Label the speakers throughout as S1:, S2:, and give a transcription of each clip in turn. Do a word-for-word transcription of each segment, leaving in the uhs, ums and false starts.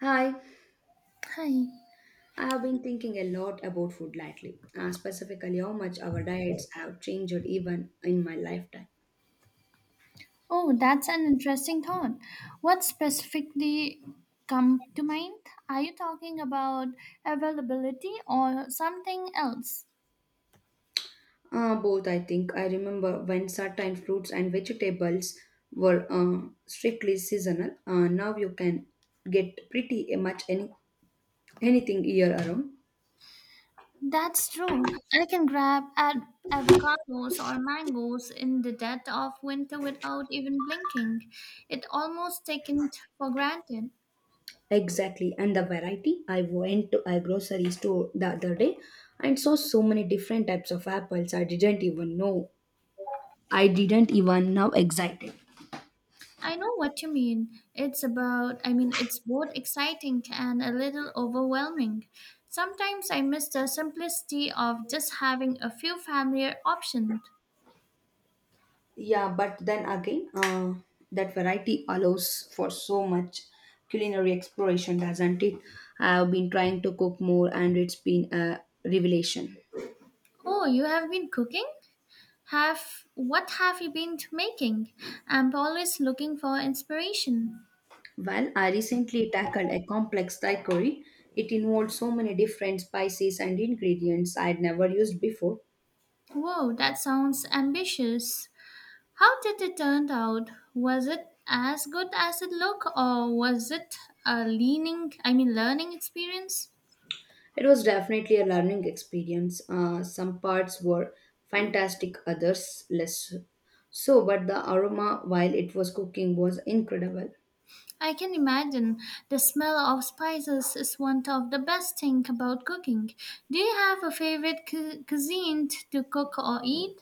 S1: Hi,
S2: Hi.
S1: I have been thinking a lot about food lately, uh, specifically how much our diets have changed even in my lifetime.
S2: Oh, that's an interesting thought. What specifically come to mind? Are you talking about availability or something else?
S1: Uh, both, I think. I remember when certain fruits and vegetables were uh, strictly seasonal. Uh, now you can get pretty much any anything year around.
S2: That's true. I can grab ad- avocados or mangoes in the dead of winter without even blinking. It almost taken for granted.
S1: Exactly, and the variety. I went to a grocery store the other day and saw so many different types of apples. I didn't even know. I didn't even know excited.
S2: I know what you mean. It's about, I mean, it's both exciting and a little overwhelming. Sometimes I miss the simplicity of just having a few familiar options.
S1: Yeah, but then again, uh, that variety allows for so much culinary exploration, doesn't it? I've been trying to cook more and it's been a revelation.
S2: Oh, you have been cooking? Have what have you been making? I'm always looking for inspiration.
S1: Well, I recently tackled a complex Thai curry. It involved so many different spices and ingredients I'd never used before.
S2: Whoa, that sounds ambitious. How did it turn out? Was it as good as it looked, or was it a leaning, I mean, learning experience?
S1: It was definitely a learning experience. Uh, some parts were fantastic, others less so, but the aroma while it was cooking was incredible.
S2: I can imagine, the smell of spices is one of the best things about cooking. Do you have a favorite cu- cuisine t- to cook or eat?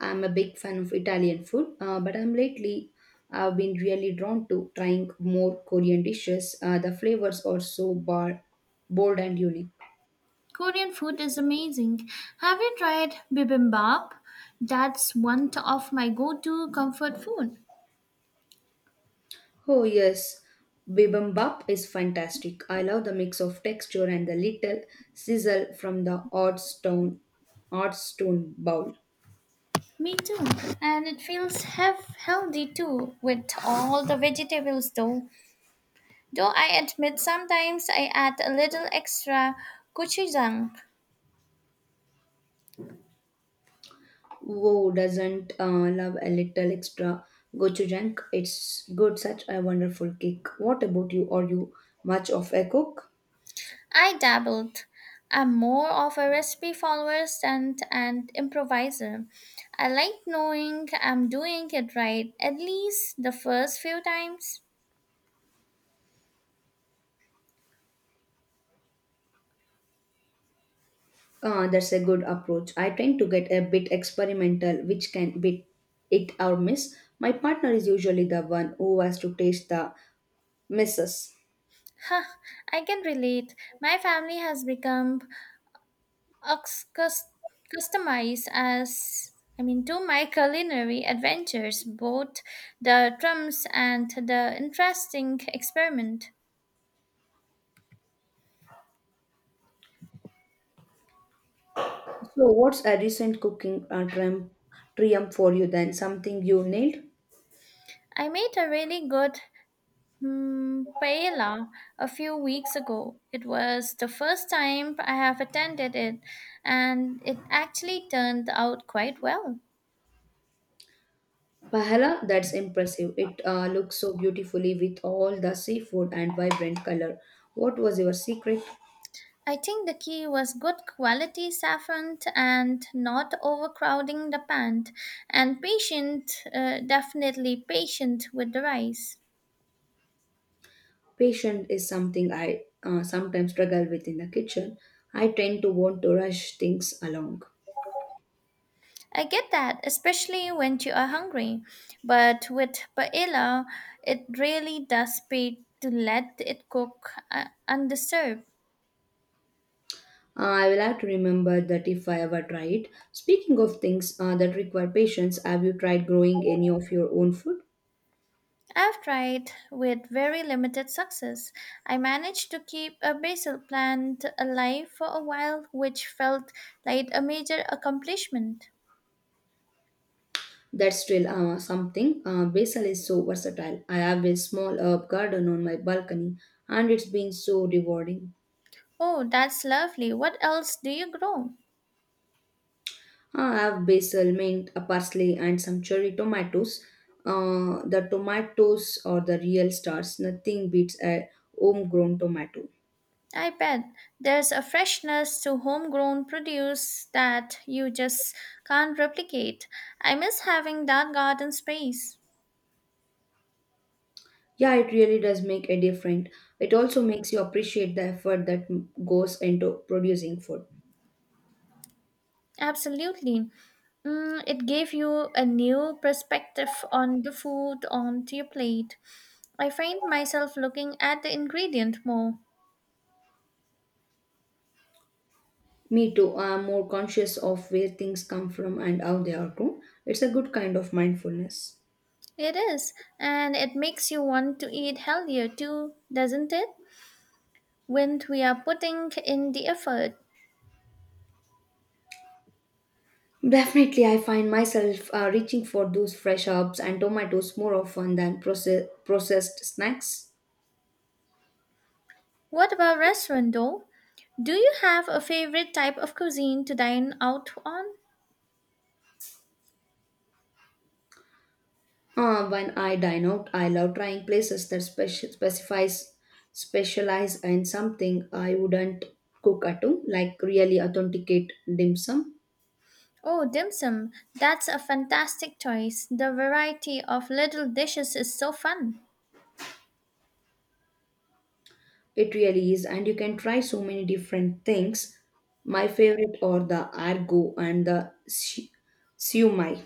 S1: I'm a big fan of Italian food, uh, but I'm lately I've been really drawn to trying more Korean dishes. Uh, the flavors are so bar- bold and unique.
S2: Korean food is amazing. Have you tried bibimbap? That's one of my go-to comfort food.
S1: Oh yes, bibimbap is fantastic. I love the mix of texture and the little sizzle from the odd stone, odd stone bowl.
S2: Me too. And it feels hef- healthy too with all the vegetables though. Though I admit sometimes I add a little extra gochujang.
S1: Who doesn't uh, love a little extra gochujang? It's good, such a wonderful kick. What about you? Are you much of a cook?
S2: I dabbled. I'm more of a recipe follower than an improviser. I like knowing I'm doing it right, at least the first few times.
S1: Uh, that's a good approach. I tend to get a bit experimental, which can be it or miss. My partner is usually the one who has to taste the misses.
S2: Huh, I can relate. My family has become ox- cus- customized as I mean to my culinary adventures, both the trims and the interesting experiment.
S1: So, what's a recent cooking uh, triumph, triumph for you then? Something you nailed?
S2: I made a really good Hmm, paella a few weeks ago. It was the first time I have attended it, and it actually turned out quite well.
S1: Pahala, that's impressive. It uh, looks so beautifully with all the seafood and vibrant color. What was your secret?
S2: I think the key was good quality saffron and not overcrowding the pan, and patient, uh, definitely patient with the rice.
S1: Patience is something I uh, sometimes struggle with in the kitchen. I tend to want to rush things along.
S2: I get that, especially when you are hungry, but with paella, it really does pay to let it cook uh, undisturbed.
S1: Uh, I will have to remember that if I ever try it. Speaking of things uh, that require patience, have you tried growing any of your own food?
S2: I've tried with very limited success. I managed to keep a basil plant alive for a while, which felt like a major accomplishment.
S1: That's still uh, something. Uh, basil is so versatile. I have a small herb garden on my balcony and it's been so rewarding.
S2: Oh, that's lovely. What else do you grow?
S1: Uh, I have basil, mint, uh, parsley, and some cherry tomatoes. Uh, the tomatoes are the real stars. Nothing beats a homegrown tomato.
S2: I bet there's a freshness to homegrown produce that you just can't replicate. I miss having that garden space.
S1: Yeah, it really does make a difference. It also makes you appreciate the effort that m- goes into producing food.
S2: Absolutely. Mm, it gave you a new perspective on the food onto your plate. I find myself looking at the ingredient more.
S1: Me too, I'm more conscious of where things come from and how they are grown. It's a good kind of mindfulness.
S2: It is, and it makes you want to eat healthier too, doesn't it? When we are putting in the effort.
S1: Definitely, I find myself uh, reaching for those fresh herbs and tomatoes more often than process- processed snacks.
S2: What about restaurant though? Do you have a favorite type of cuisine to dine out on?
S1: Uh, when I dine out, I love trying places that speci- specifies specialize in something I wouldn't cook at home, like really authenticate dim sum.
S2: Oh, dim sum. That's a fantastic choice. The variety of little dishes is so fun.
S1: It really is, and you can try so many different things. My favorite are the argo and the si- siumai.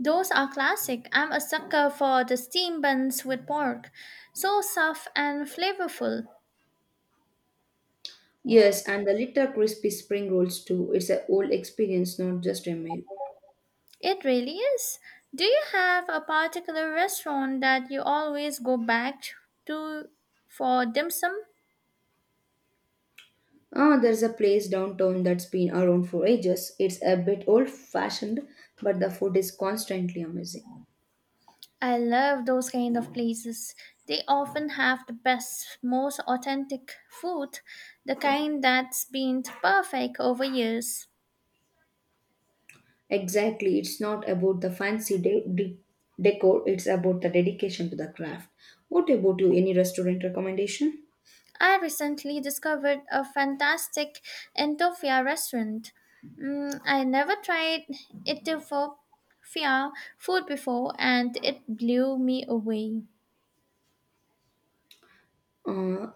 S2: Those are classic. I'm a sucker for the steam buns with pork. So soft and flavorful.
S1: Yes, and the little crispy spring rolls too. It's a whole experience, not just a meal.
S2: It really is. Do you have a particular restaurant that you always go back to for dim sum?
S1: Ah, there's a place downtown that's been around for ages. It's a bit old fashioned, but the food is constantly amazing.
S2: I love those kind of places. They often have the best, most authentic food, the kind that's been perfect over years.
S1: Exactly, it's not about the fancy de- de- decor, it's about the dedication to the craft. What about you? Any restaurant recommendation?
S2: I recently discovered a fantastic Entofia restaurant. Mm, I never tried Ethiopia food before and it blew me away.
S1: Uh,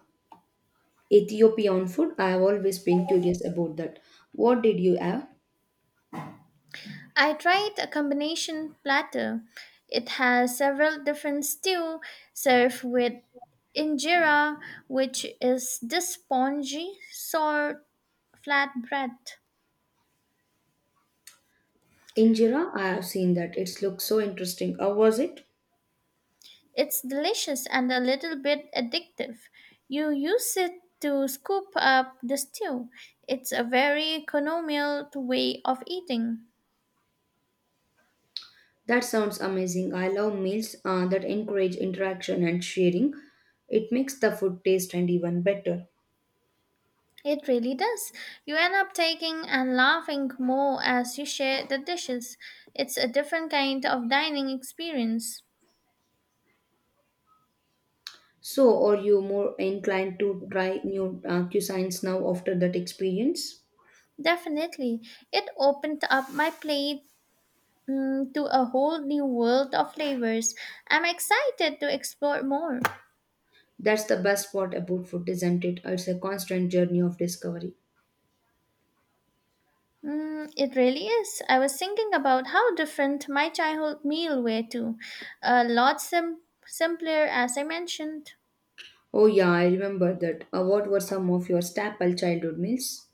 S1: Ethiopian food, I have always been curious about that. What did you have?
S2: I tried a combination platter. It has several different stew served with injera, which is this spongy, sour flatbread.
S1: Injera, I have seen that. It looks so interesting. How was it?
S2: It's delicious and a little bit addictive. You use it to scoop up the stew. It's a very economical way of eating.
S1: That sounds amazing. I love meals uh, that encourage interaction and sharing. It makes the food taste and even better.
S2: It really does. You end up taking and laughing more as you share the dishes. It's a different kind of dining experience.
S1: So, are you more inclined to try new uh, cuisines now after that experience?
S2: Definitely. It opened up my plate mm, to a whole new world of flavors. I'm excited to explore more.
S1: That's the best part about food, isn't it? It's a constant journey of discovery.
S2: Mm, it really is. I was thinking about how different my childhood meal were too. A lot sim- simpler, as I mentioned.
S1: Oh, yeah, I remember that. Uh, what were some of your staple childhood meals?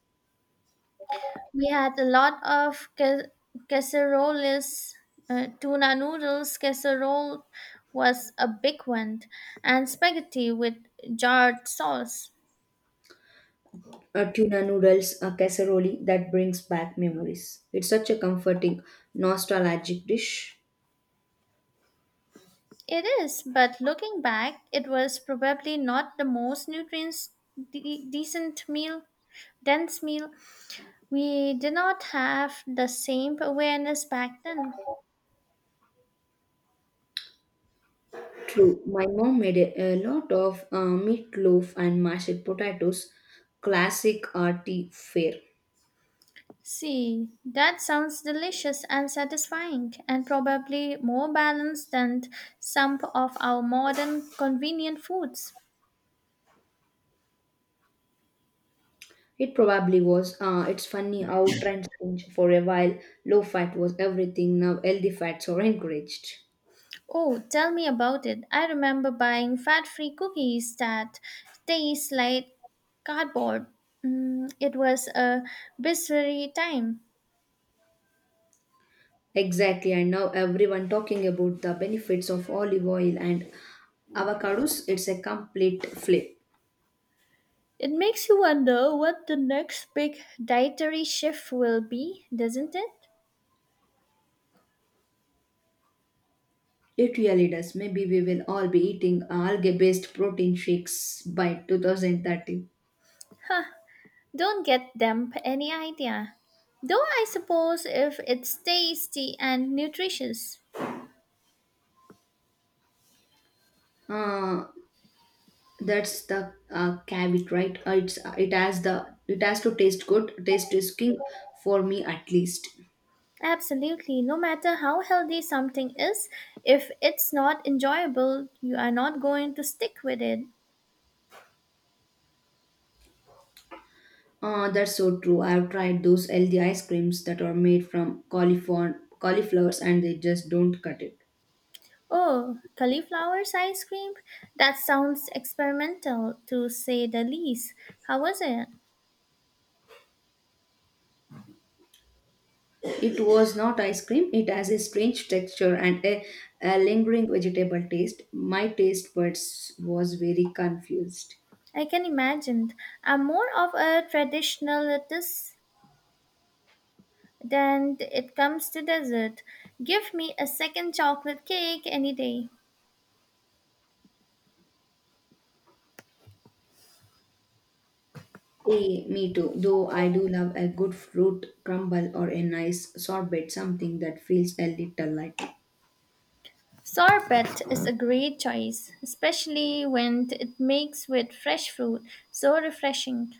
S2: We had a lot of ca- casseroles, uh, tuna noodles. Casserole was a big one, and spaghetti with jarred sauce.
S1: Uh, tuna noodles, a casserole that brings back memories. It's such a comforting, nostalgic dish.
S2: It is, but looking back, it was probably not the most nutrients de- decent meal, dense meal. We did not have the same awareness back then.
S1: True, my mom made a, a lot of uh, meatloaf and mashed potatoes, classic arty fare.
S2: See, that sounds delicious and satisfying, and probably more balanced than some of our modern convenient foods.
S1: It probably was. Uh, it's funny how trends change. For a while, low fat was everything. Now, healthy fats are encouraged.
S2: Oh, tell me about it. I remember buying fat free cookies that taste like cardboard. Mm, it was a bizarre time.
S1: Exactly, and now everyone talking about the benefits of olive oil and avocados. It's a complete flip.
S2: It makes you wonder what the next big dietary shift will be, doesn't it?
S1: It really does. Maybe we will all be eating algae based protein shakes by twenty thirty.
S2: Don't get them any idea. Though I suppose if it's tasty and nutritious.
S1: Uh, that's the uh, caveat, right? Uh, it's, it has the it has to taste good. Taste is king for me at least.
S2: Absolutely, no matter how healthy something is, if it's not enjoyable, you are not going to stick with it.
S1: Uh, that's so true. I've tried those healthy ice creams that are made from cauliflower cauliflowers and they just don't cut it.
S2: Oh, cauliflower's ice cream? That sounds experimental to say the least. How was it?
S1: It was not ice cream. It has a strange texture and a, a lingering vegetable taste. My taste buds was very confused.
S2: I can imagine. I'm more of a traditionalist then it comes to dessert. Give me a second chocolate cake any day.
S1: Eh, me too. Though I do love a good fruit crumble or a nice sorbet, something that feels a little light.
S2: Sorbet is a great choice, especially when it makes with fresh fruit. So refreshing.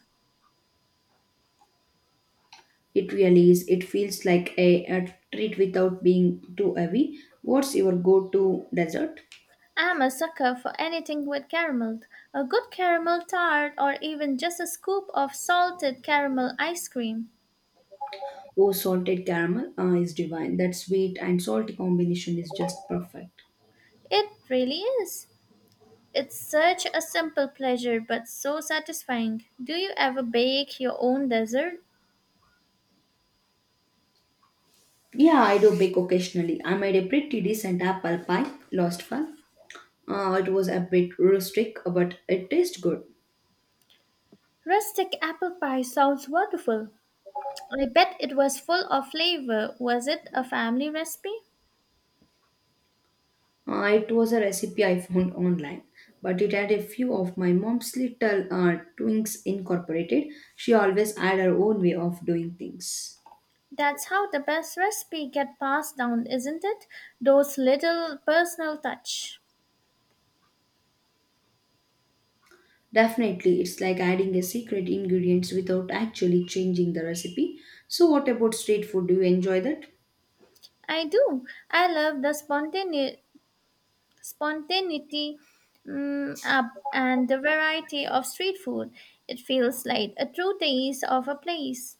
S1: It really is. It feels like a, a treat without being too heavy. What's your go-to dessert?
S2: I'm a sucker for anything with caramel. A good caramel tart or even just a scoop of salted caramel ice cream.
S1: Oh, salted caramel uh, is divine. That sweet and salty combination is just perfect.
S2: It really is. It's such a simple pleasure but so satisfying. Do you ever bake your own dessert?
S1: Yeah, I do bake occasionally. I made a pretty decent apple pie last fall. Uh, it was a bit rustic, but it tastes good.
S2: Rustic apple pie sounds wonderful. I bet it was full of flavor. Was it a family recipe?
S1: Uh, it was a recipe I found online, but it had a few of my mom's little uh, twinks incorporated. She always had her own way of doing things.
S2: That's how the best recipe get passed down, isn't it? Those little personal touch.
S1: Definitely, it's like adding a secret ingredients without actually changing the recipe. So, what about street food? Do you enjoy that?
S2: I do. I love the spontane- spontaneity mm, up and the variety of street food. It feels like a true taste of a place.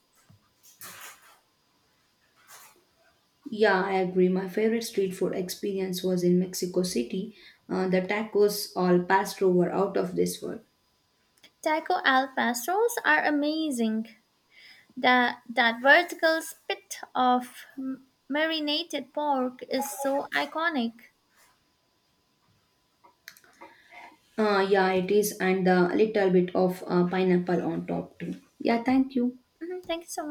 S1: Yeah, I agree. My favorite street food experience was in Mexico City. Uh, the tacos all passed over out of this world.
S2: Taco al pastos are amazing. That that vertical spit of m- marinated pork is so iconic.
S1: Uh, yeah, it is, and a little bit of uh, pineapple on top too. Yeah, thank you.
S2: Mhm, thank you so much.